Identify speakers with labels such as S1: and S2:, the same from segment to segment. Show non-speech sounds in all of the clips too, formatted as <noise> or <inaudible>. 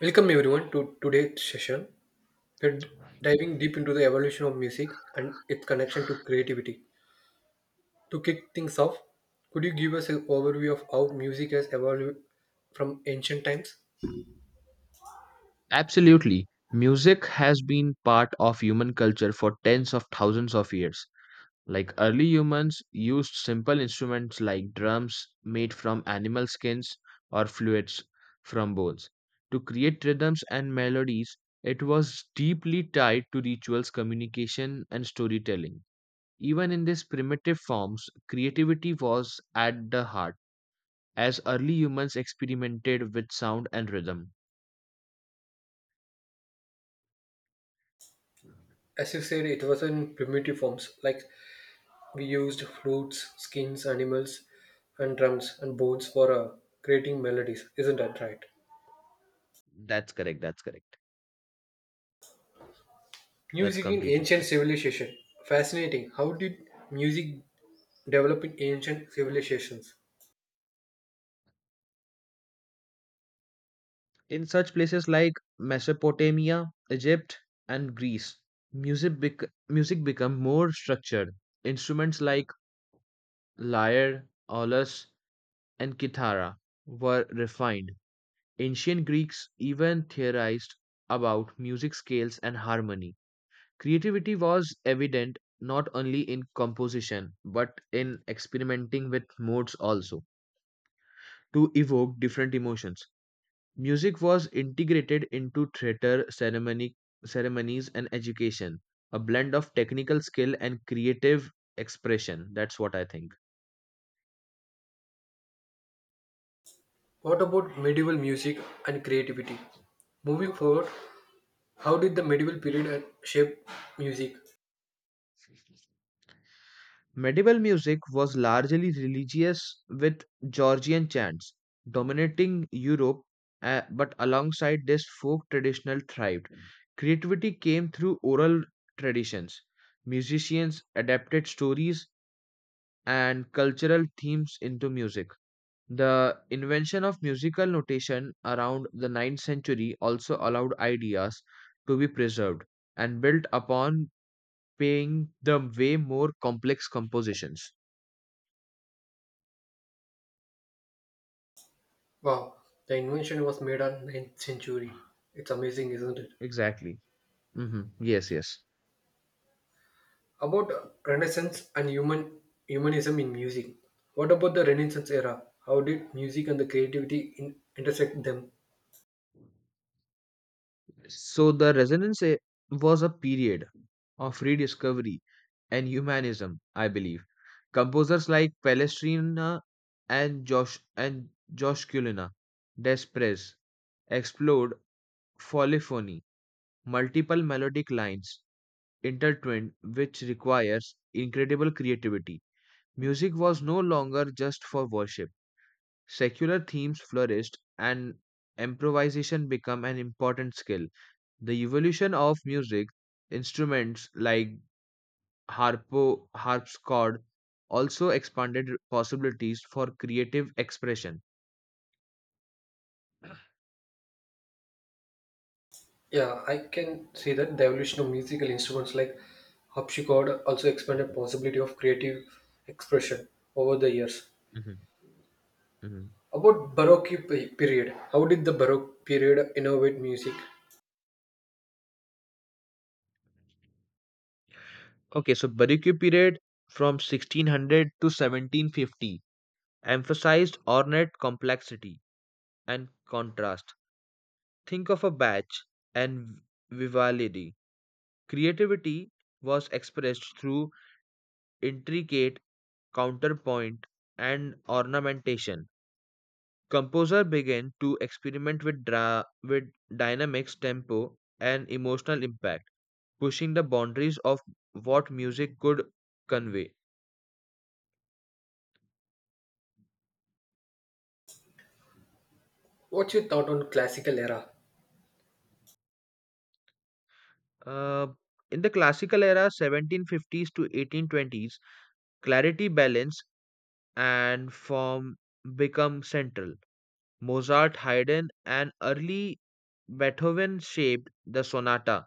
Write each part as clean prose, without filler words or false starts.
S1: Welcome everyone to today's session. We're diving deep into the evolution of music and its connection to creativity. To kick things off, could you give us an overview of how music has evolved from ancient times?
S2: Absolutely. Music has been part of human culture for tens of thousands of years. Like early humans used simple instruments like drums made from animal skins or fluids from bones to create rhythms and melodies. It was deeply tied to rituals, communication, and storytelling. Even in these primitive forms, creativity was at the heart, as early humans experimented with sound and rhythm.
S1: As you said, it was in primitive forms, like we used flutes, skins, animals, and drums and bones for creating melodies. Isn't that right?
S2: That's correct, that's correct. That's
S1: Music in
S2: completely
S1: ancient
S2: true.
S1: civilization. Fascinating. How did music develop in ancient civilizations?
S2: In such places like Mesopotamia, Egypt, and Greece, music become more structured. Instruments like lyre, aulos, and kithara were refined. Ancient Greeks even theorized about music scales and harmony. Creativity was evident not only in composition but in experimenting with modes also to evoke different emotions. Music was integrated into ceremonies and education, a blend of technical skill and creative expression. That's what I think.
S1: What about medieval music and creativity? Moving forward, how did the medieval period shape music?
S2: Medieval music was largely religious with Georgian chants dominating Europe, but alongside this, folk traditional thrived. Creativity came through oral traditions. Musicians adapted stories and cultural themes into music. The invention of musical notation around the 9th century also allowed ideas to be preserved and built upon, paying the way more complex compositions.
S1: Wow, the invention was made on 9th century. It's amazing, isn't it?
S2: Exactly. Hmm, yes, yes.
S1: About Renaissance and humanism in music. What about the Renaissance era? How did music and the intersect them?
S2: So the resonance was a period of rediscovery and humanism, I believe. Composers like Palestrina and Josh Desperez explored polyphony, multiple melodic lines intertwined, which requires incredible creativity. Music was no longer just for worship. Secular themes flourished and improvisation became an important skill. The evolution of music instruments like harpsichord also expanded possibilities for creative expression.
S1: Yeah, I can see that the evolution of musical instruments like harpsichord also expanded
S2: Mhm,
S1: possibility of creative expression over the years.
S2: mhm, mhm.
S1: About period, how did the Baroque period innovate music?
S2: Okay, so Baroque period from 1600 to 1750 emphasized ornate complexity and contrast. Think of a batch and Vivaldi. Creativity was expressed through intricate counterpoint and ornamentation. Composer began to experiment with dynamics, tempo, and emotional impact, pushing the boundaries of what music could convey.
S1: What's your thought on classical era?
S2: Uh, in the classical era, 1750s to 1820s, clarity balance and form become central. Mozart, Haydn, and early Beethoven shaped the sonata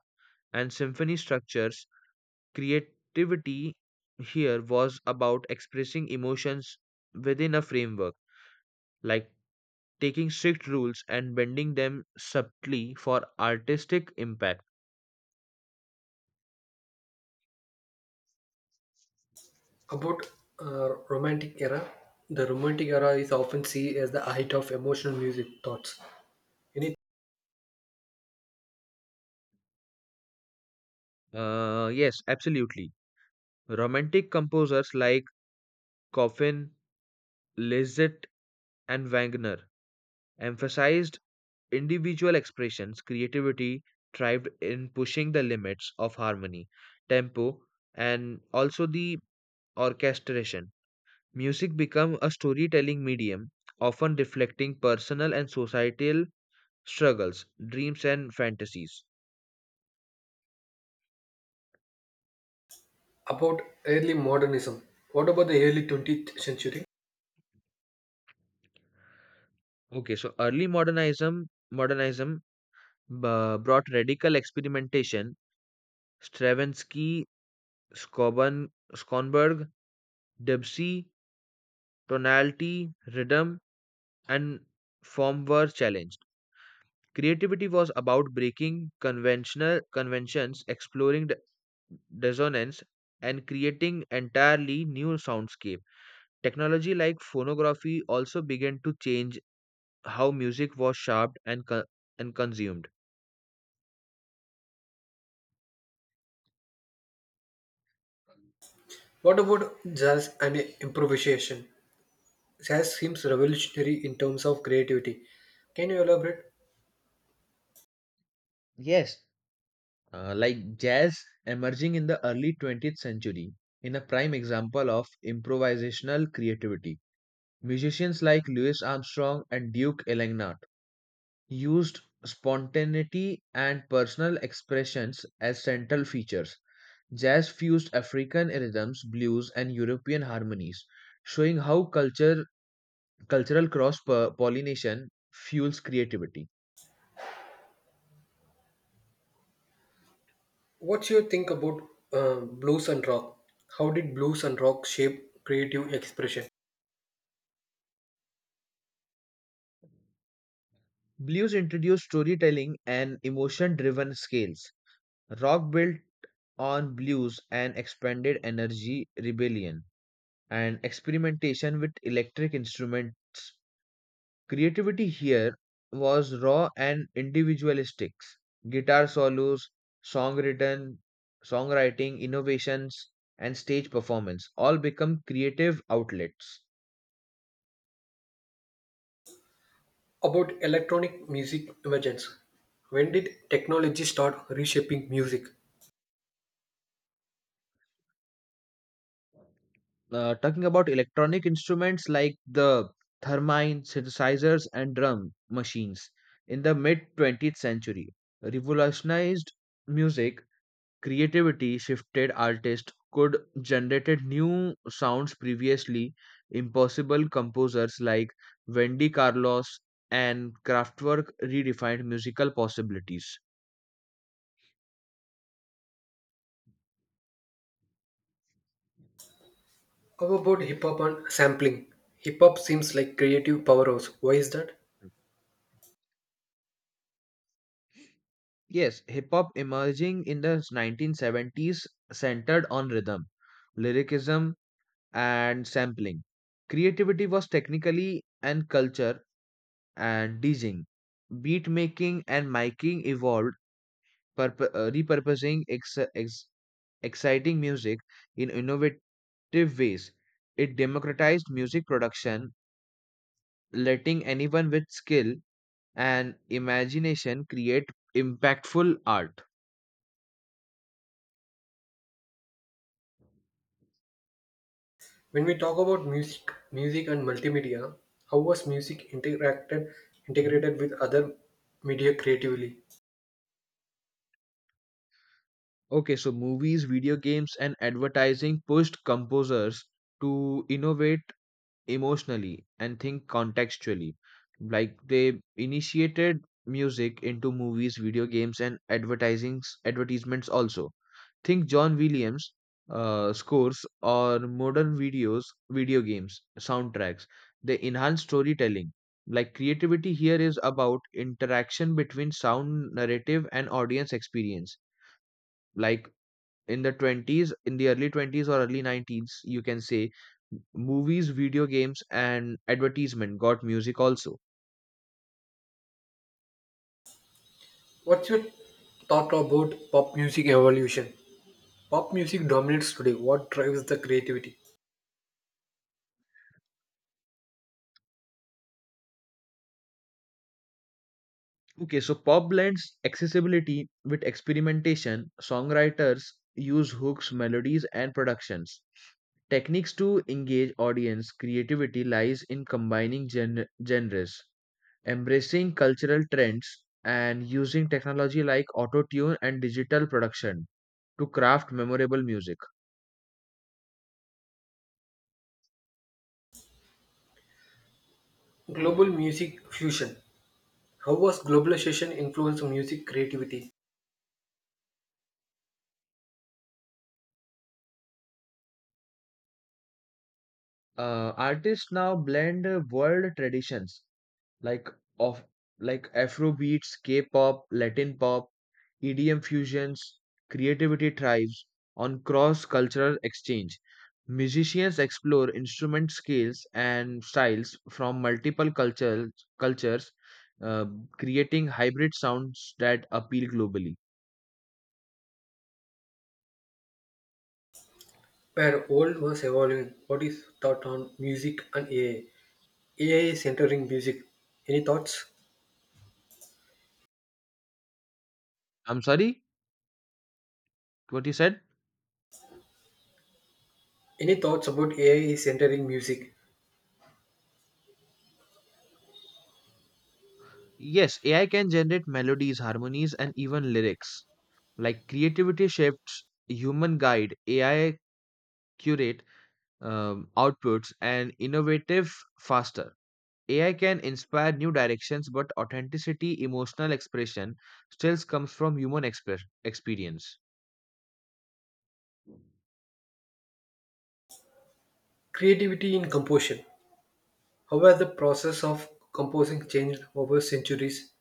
S2: and symphony structures. Creativity here was about expressing emotions within a framework, like taking strict rules and bending them subtly for artistic impact.
S1: About Romantic era, the Romantic era is often seen as the height of emotional music thoughts. Any
S2: Yes, absolutely. Romantic composers like Chopin, Liszt, and Wagner emphasized individual expressions. Creativity thrived in pushing the limits of harmony, tempo, and also the orchestration. Music became a storytelling medium, often reflecting personal and societal struggles, dreams, and fantasies.
S1: about early modernism? What about the early 20th century?
S2: Okay, so early modernism brought radical experimentation. Stravinsky, Skoban, Skonberg, Debussy, tonality, rhythm, and form were challenged. Creativity was about breaking conventional conventions, exploring dissonance, and creating entirely new soundscape. Technology like phonography also began to change how music was shaped and consumed.
S1: What about jazz and improvisation? Jazz seems revolutionary in terms of creativity. Can you elaborate?
S2: Yes, like jazz emerging in the early 20th century, in a prime example of improvisational creativity. Musicians like Louis Armstrong and Duke Ellington used spontaneity and personal expressions as central features. Jazz fused African rhythms, blues, and European harmonies, showing how cultural cross pollination fuels creativity.
S1: What's your think about blues and rock? How did blues and rock shape creative expression?
S2: Blues introduced storytelling and emotion driven scales. Rock built on blues and expanded energy, rebellion, and experimentation with electric instruments. Creativity here was raw and individualistic. Guitar solos, song written, songwriting, innovations, and stage performance all become creative outlets.
S1: About electronic music emergence. When did technology start reshaping music?
S2: Talking about electronic instruments like the thermine, synthesizers, and drum machines in the mid 20th century revolutionized music. Creativity shifted, artists could generated new sounds previously impossible. Composers like Wendy Carlos and Kraftwerk redefined musical possibilities.
S1: How about hip hop and sampling? Hip hop seems like creative powerhouse. Why is that?
S2: Yes, hip hop emerging in the 1970s centered on rhythm, lyricism, and sampling. Creativity was technically and culture and DJing. Beat making and miking evolved repurposing exciting music in innovative ways. It democratized music production, letting anyone with skill and imagination create impactful art.
S1: When we talk about music and multimedia, how was music interacted
S2: Mhm.
S1: integrated with other media creatively?
S2: Okay, so movies, video games, and advertising pushed composers to innovate emotionally and think contextually. Like they initiated music into movies, video games, and advertising advertisements also. Think John Williams scores or video games, soundtracks. They enhance storytelling. Like creativity here is about interaction between sound, narrative, and audience experience. Like in the early 20s or early 19s you can say movies, video games, and advertisement got music also.
S1: What's your thought about pop music evolution? Pop music dominates today. What drives the creativity?
S2: Okay, so pop blends accessibility with experimentation. Songwriters use hooks, melodies, and productions techniques to engage audience. Creativity lies in combining genres, embracing cultural trends, and using technology like auto tune and digital production to craft memorable music.
S1: Global music fusion. How was globalization influenced music creativity?
S2: Artists now blend world traditions like of like afro beats, k-pop, latin pop, edm fusions. Creativity thrives on cross cultural exchange. Musicians explore instrument scales and styles from multiple cultures uh, creating hybrid sounds that appeal globally.
S1: Where old was evolving, what is thought on music and AI? AI is entering music. Any thoughts?
S2: I'm sorry, what you said?
S1: Any thoughts about AI is entering music?
S2: Yes, AI can generate melodies, harmonies, and even lyrics. Like creativity shifts, human guide AI, curate outputs and innovative faster. AI can inspire new directions, but authenticity emotional expression still comes from human express experience.
S1: Creativity in composition. How has the process of composing changed over centuries?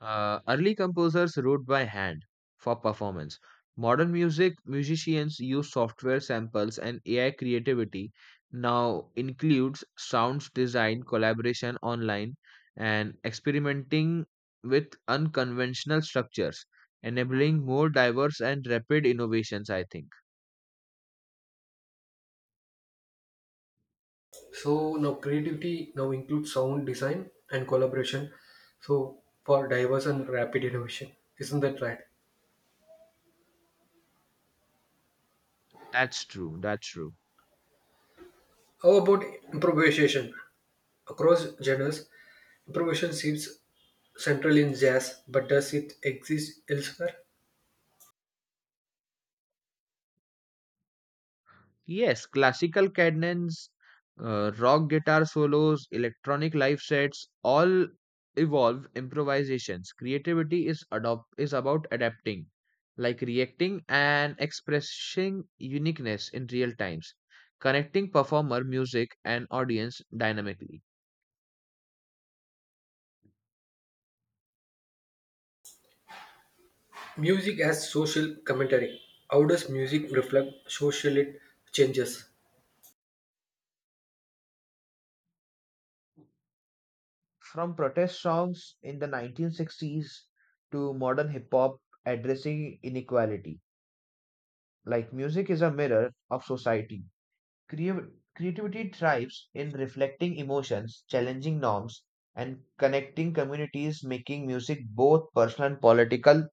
S2: Early composers wrote by hand for performance. Modern music musicians use software samples and AI. Creativity now includes sounds design, collaboration online, and experimenting with unconventional structures, enabling more diverse and rapid innovations, I think.
S1: So now creativity now includes sound design and collaboration. So for diverse and rapid innovation. Isn't that right?
S2: That's true. That's true.
S1: How about improvisation? Across genres, improvisation seems central in jazz, but does it exist elsewhere?
S2: Yes, classical cadence, rock guitar solos, electronic live sets, all evolve improvisations. Creativity is about adapting, like reacting and expressing uniqueness in real times, connecting performer, music, and audience dynamically.
S1: Music as social commentary. How does music reflect social it changes?
S2: From protest songs in the 1960s to modern hip hop addressing inequality, like music is a mirror of society. Creav- Creativity thrives in reflecting emotions, challenging norms, and connecting communities, making music both personal and political.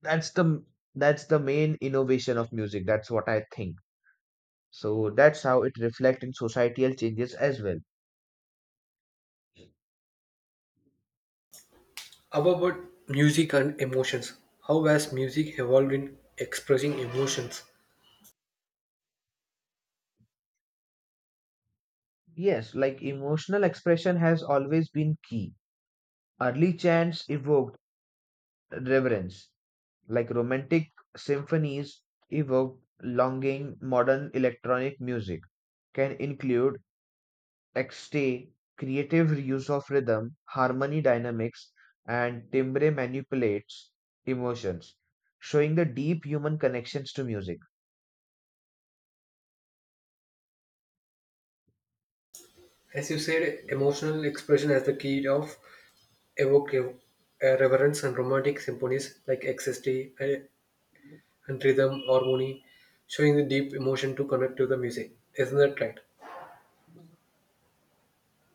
S2: That's the that's the main innovation of music. That's what I think. So that's how it reflects in societal changes as well.
S1: How about music and emotions? How has music evolved in expressing emotions?
S2: Yes, like emotional expression has always been key. Early chants evoked reverence, like romantic symphonies evoked longing. Modern electronic music can include Exte, creative reuse of rhythm, harmony dynamics, and timbre manipulates emotions, showing the deep human connections to music.
S1: As you said, emotional expression as the key of evocative reverence and romantic symphonies like ecstasy and rhythm harmony, showing the deep emotion to connect to the music. Isn't that right?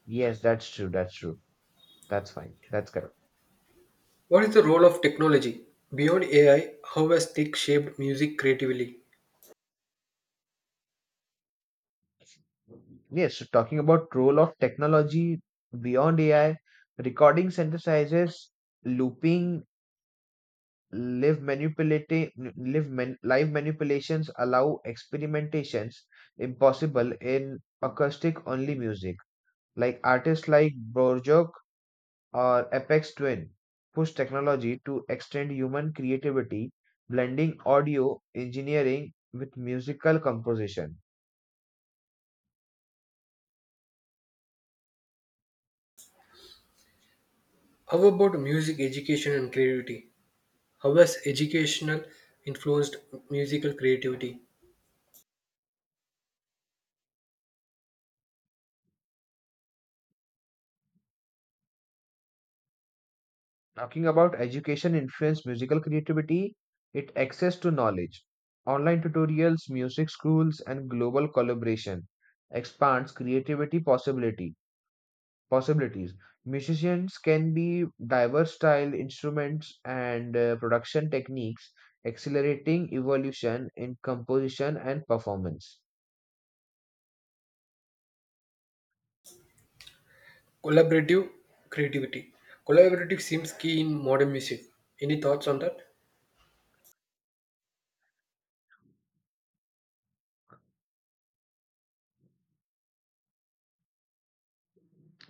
S2: Yes, that's true. That's true. That's fine. That's correct.
S1: What is the role of technology? Beyond AI, how has tech shaped music creatively?
S2: Yes, so talking about role of technology beyond AI, recording synthesizers, looping, live manipulating, live manipulations allow experimentations impossible in acoustic only music. Like artists like Borjok or Apex Twin push technology to extend human creativity, blending audio engineering with musical composition.
S1: How about music education and creativity? How has educational influenced musical creativity?
S2: Talking about education influence musical creativity, it access to knowledge. Online tutorials, music schools, and global collaboration expands creativity possibility possibilities. Musicians can be diverse style instruments and production techniques, accelerating evolution in composition and performance.
S1: Collaborative creativity. Collaborative seems key in modern music. Any thoughts on that?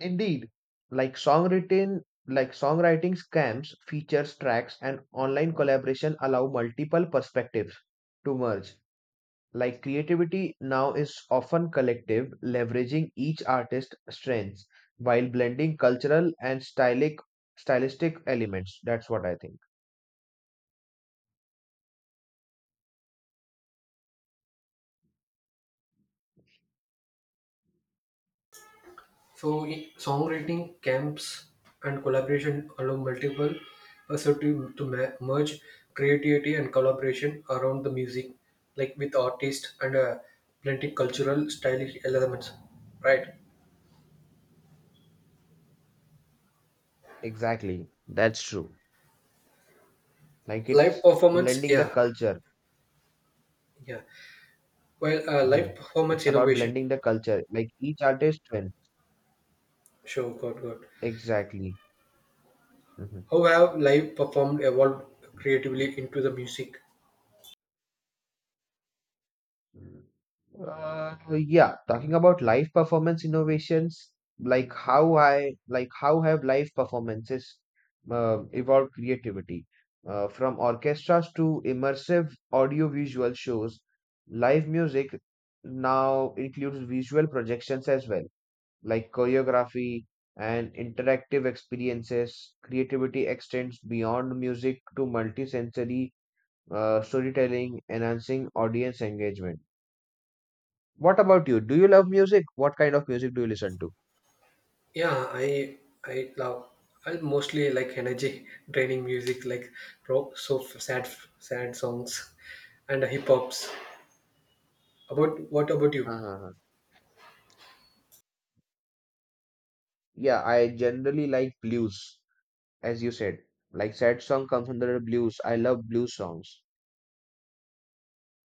S2: Indeed, like songwriting, like songwriting scams, features, tracks, and online collaboration allow multiple perspectives to merge. Like creativity now is often collective, leveraging each artist's strengths while blending cultural and stylic stylistic elements. That's what I think.
S1: So, songwriting camps and collaboration allow multiple perspectives to merge creativity and collaboration around the music, like with artists and blending cultural stylistic elements. Right.
S2: Exactly. That's true. Like
S1: Live
S2: it's
S1: performance,
S2: blending the
S1: yeah,
S2: culture.
S1: yeah. Well,
S2: Hmm.
S1: live performance
S2: It's about
S1: innovation.
S2: blending the culture. Like each artist win.
S1: Sure, got.
S2: Exactly. Hmm.
S1: How have live performed evolved creatively into the music?
S2: Yeah, talking about live performance innovations, like how have live performances evolved creativity from orchestras to immersive audio-visual shows. Live music now includes visual projections as well, like choreography and interactive experiences. Creativity extends beyond music to multisensory storytelling, enhancing audience engagement. What about you? Do you love music? What kind of music do you listen to?
S1: Yeah, I love I mostly like energy <laughs> draining music like rock, so sad sad songs and hip hops. About what about you?
S2: Uh-huh. Yeah, I generally like blues, as you said. Like sad song comes under the blues. I love blues songs.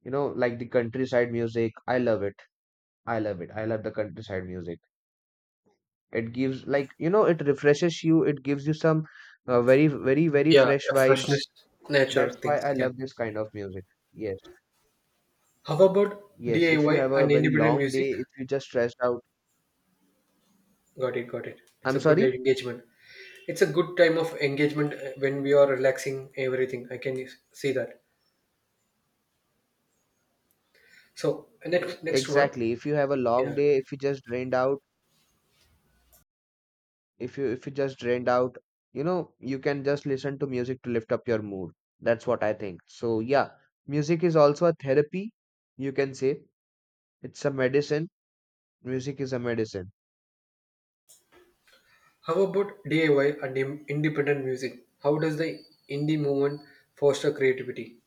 S2: You know, like the countryside music. I love it. I love it. I love the countryside music. It gives, like, you know, it refreshes you. It gives you some very, very, very
S1: Yeah,
S2: fresh
S1: yeah,
S2: vibes.
S1: freshness, nature
S2: That's
S1: things.
S2: why I
S1: Yeah.
S2: love this kind of music. Yes.
S1: How about
S2: Yes, if you
S1: DIY
S2: have a
S1: and
S2: very
S1: independent
S2: long
S1: music?
S2: day, if you just stressed out.
S1: Got it. It's
S2: I'm
S1: a good
S2: sorry?
S1: engagement. It's a good time of engagement when we are relaxing everything. I can see that. So next one.
S2: Exactly. If you have a long
S1: Yeah.
S2: day, if you just drained out, if you just drained out, you know, you can just listen to music to lift up your mood. That's what I think. So yeah, music is also a therapy, you can say. It's a medicine. Music is a medicine.
S1: How about DIY and independent music? How does the indie movement foster creativity?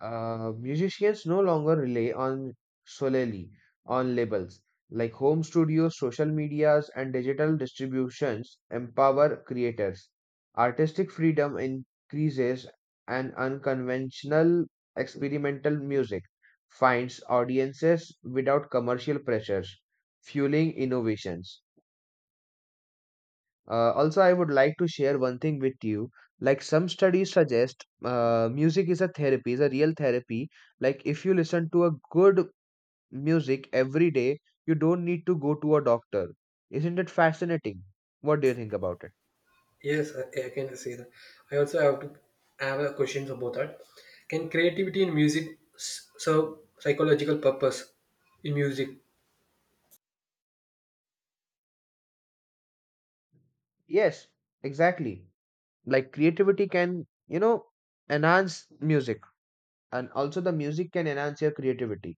S2: Musicians no longer rely on solely on labels, like home studios, social medias, and digital distributions empower creators. Artistic freedom increases, and unconventional experimental music finds audiences without commercial pressures, fueling innovations. Also, I would like to share one thing with you. Like some studies suggest, music is a therapy, is a real therapy. Like if you listen to a good music every day, you don't need to go to a doctor. Isn't it fascinating? What do you think about it?
S1: Yes, I can say that. I also have to I have a questions about that. Can creativity in music serve psychological purpose in music?
S2: Yes, exactly. Like creativity can, you know, enhance music, and also the music can enhance your creativity.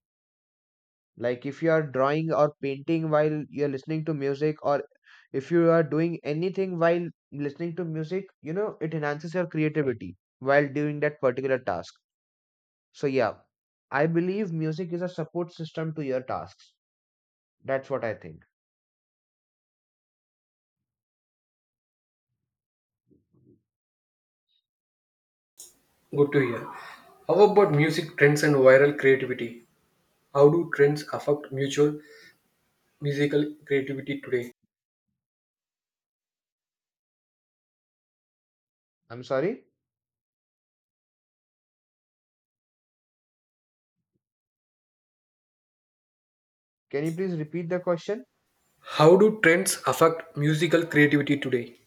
S2: Like if you are drawing or painting while you're listening to music, or if you are doing anything while listening to music, you know, it enhances your creativity while doing that particular task. So, yeah, I believe music is a support system to your tasks. That's what I think.
S1: Good to hear. How about music trends and viral creativity? How do trends affect mutual musical creativity today?
S2: I'm sorry. Can you please repeat the question?
S1: How do trends affect musical creativity today?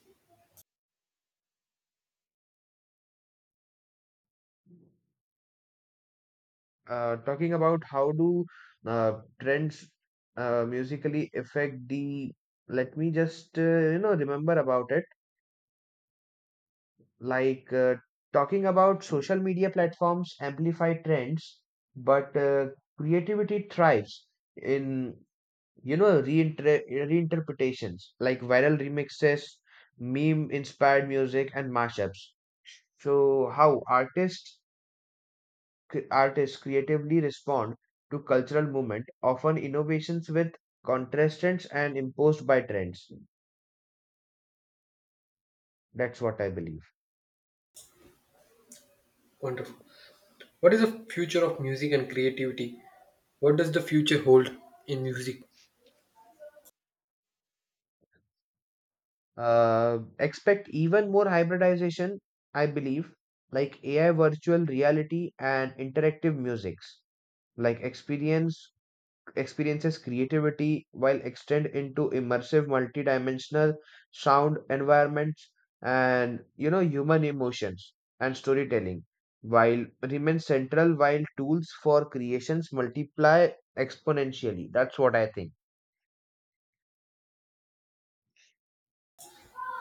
S2: Talking about how do trends musically affect the. Let me just remember about it. like uh, Talking about social media platforms amplify trends, but creativity thrives in, reinterpretations, like viral remixes, meme inspired music, and mashups. So how artists artists creatively respond to cultural movement, often innovations with contrastants and imposed by trends. That's what I believe.
S1: Wonderful. What is the future of music and creativity? What does the future hold in music?
S2: Expect even more hybridization, I believe, like AI, virtual reality, and interactive musics, like experiences creativity while extend into immersive multidimensional sound environments. And, you know, human emotions and storytelling while remain central while tools for creations multiply exponentially. That's what I think.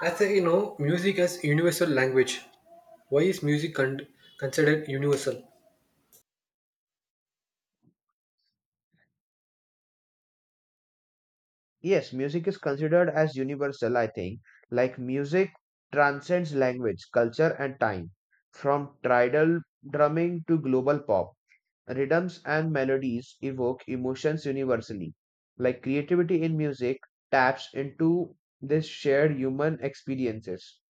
S1: As I know, music as universal language. Why is music considered universal?
S2: Yes, music is considered as universal, I think. Like music transcends language, culture, and time. From tribal drumming to global pop, rhythms and melodies evoke emotions universally. Like creativity in music taps into this shared human experiences,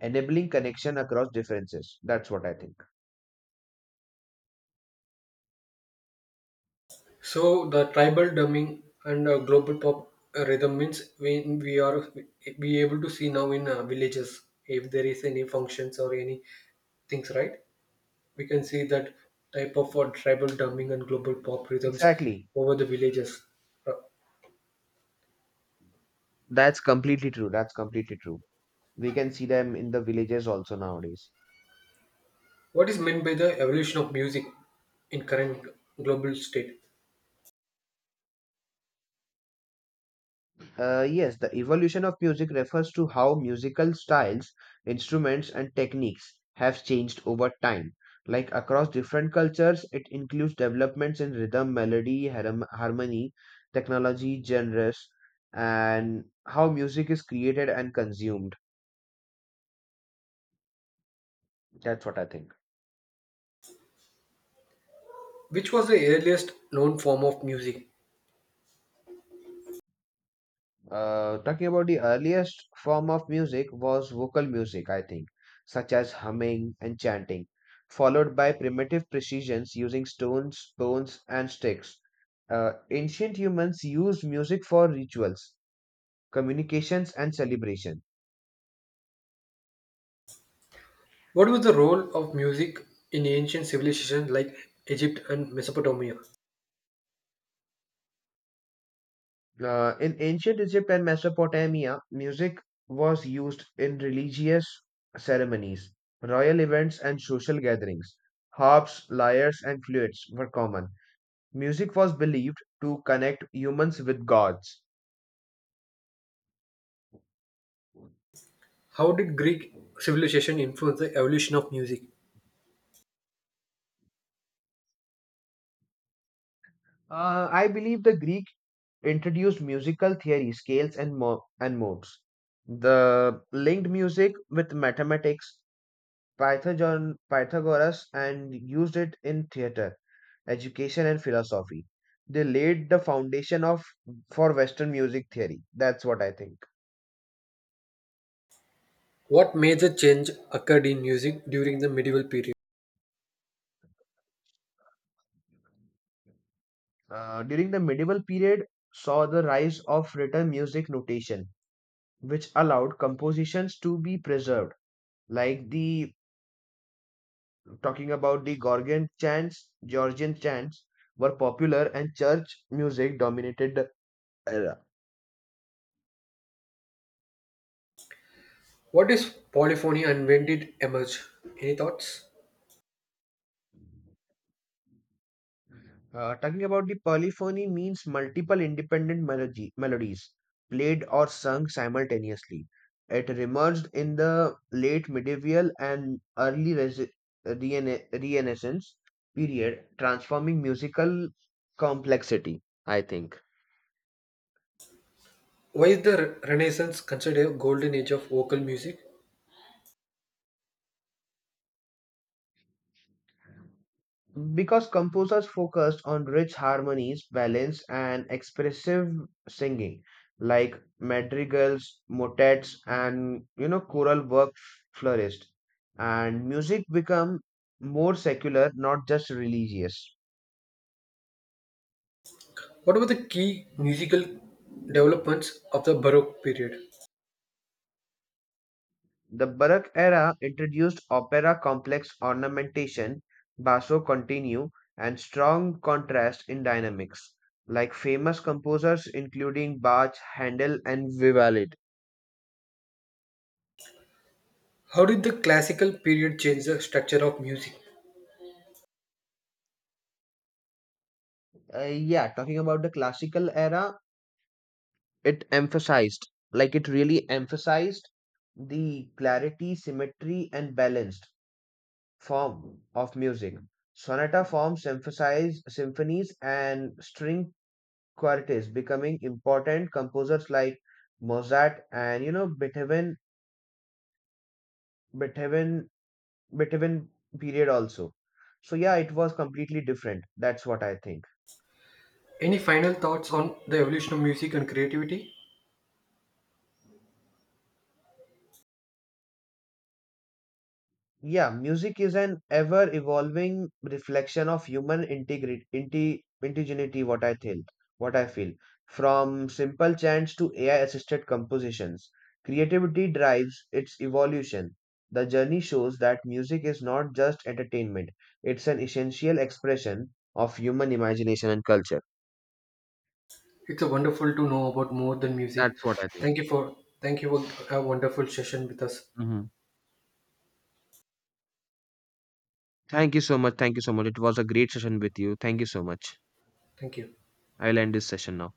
S2: enabling connection across differences. That's what I think.
S1: So the tribal drumming and global pop rhythm means we are be able to see now in villages if there is any functions or any things, right? We can see that type of tribal drumming and global pop rhythms
S2: Exactly.
S1: over the villages. Uh,
S2: That's completely true. That's completely true. We can see them in the villages also nowadays.
S1: What is meant by the evolution of music in current global state?
S2: Yes, the evolution of music refers to how musical styles, instruments, and techniques have changed over time. Like across different cultures, it includes developments in rhythm, melody, harmony, technology, genres, and how music is created and consumed. That's what I think.
S1: Which was the earliest known form of music?
S2: Talking about the earliest form of music was vocal music, I think, such as humming and chanting, followed by primitive precisions using stones, bones, and sticks. Ancient humans used music for rituals, communications, and celebration.
S1: What was the role of music in ancient civilizations like Egypt and Mesopotamia?
S2: In ancient Egypt and Mesopotamia, music was used in religious ceremonies, royal events, and social gatherings. Harps, lyres, and flutes were common. Music was believed to connect humans with gods.
S1: How did Greek civilization influence the evolution of music?
S2: I believe the Greek introduced musical theory, scales, and, and modes. The linked music with mathematics, Pythagoras, and used it in theater, education, and philosophy. They laid the foundation of for Western music theory. That's what I think.
S1: What major change occurred in music during the medieval period?
S2: During the medieval period, saw the rise of written music notation, which allowed compositions to be preserved, like the talking about the Gorgon chants, Georgian chants were popular and church music dominated the era.
S1: What is polyphony and when did it emerge? Any thoughts?
S2: Talking about the polyphony means multiple independent melodies played or sung simultaneously. It emerged in the late medieval and early Renaissance period, transforming musical complexity, I think.
S1: Why is the Renaissance considered a golden age of vocal music?
S2: Because composers focused on rich harmonies, balance, and expressive singing, like madrigals, motets, and, you know, choral work flourished, and music became more secular, not just religious.
S1: What were the key musical developments of the Baroque period?
S2: The Baroque era introduced opera complex ornamentation, basso continuo, and strong contrast in dynamics, like famous composers including Bach, Handel, and Vivaldi.
S1: How did the classical period change the structure of music?
S2: Yeah, talking about the classical era, it emphasized, like it really emphasized the clarity, symmetry, and balanced form of music. Sonata forms emphasized symphonies and string quartets becoming important. Composers like Mozart and, you know, Beethoven, Beethoven period also. So yeah, it was completely different. That's what I think.
S1: Any final thoughts on the evolution of music and creativity?
S2: Yeah, music is an ever evolving reflection of human integrity, indigeneity, what I feel. From simple chants to AI assisted compositions, creativity drives its evolution. The journey shows that music is not just entertainment, it's an essential expression of human imagination and culture.
S1: It's a wonderful to know about more than music.
S2: That's what I think.
S1: Thank you for thank you for a wonderful session with us.
S2: Mhm. Thank you so much. Thank you so much. It was a great session with you. Thank you so much.
S1: Thank you.
S2: I'll end this session now.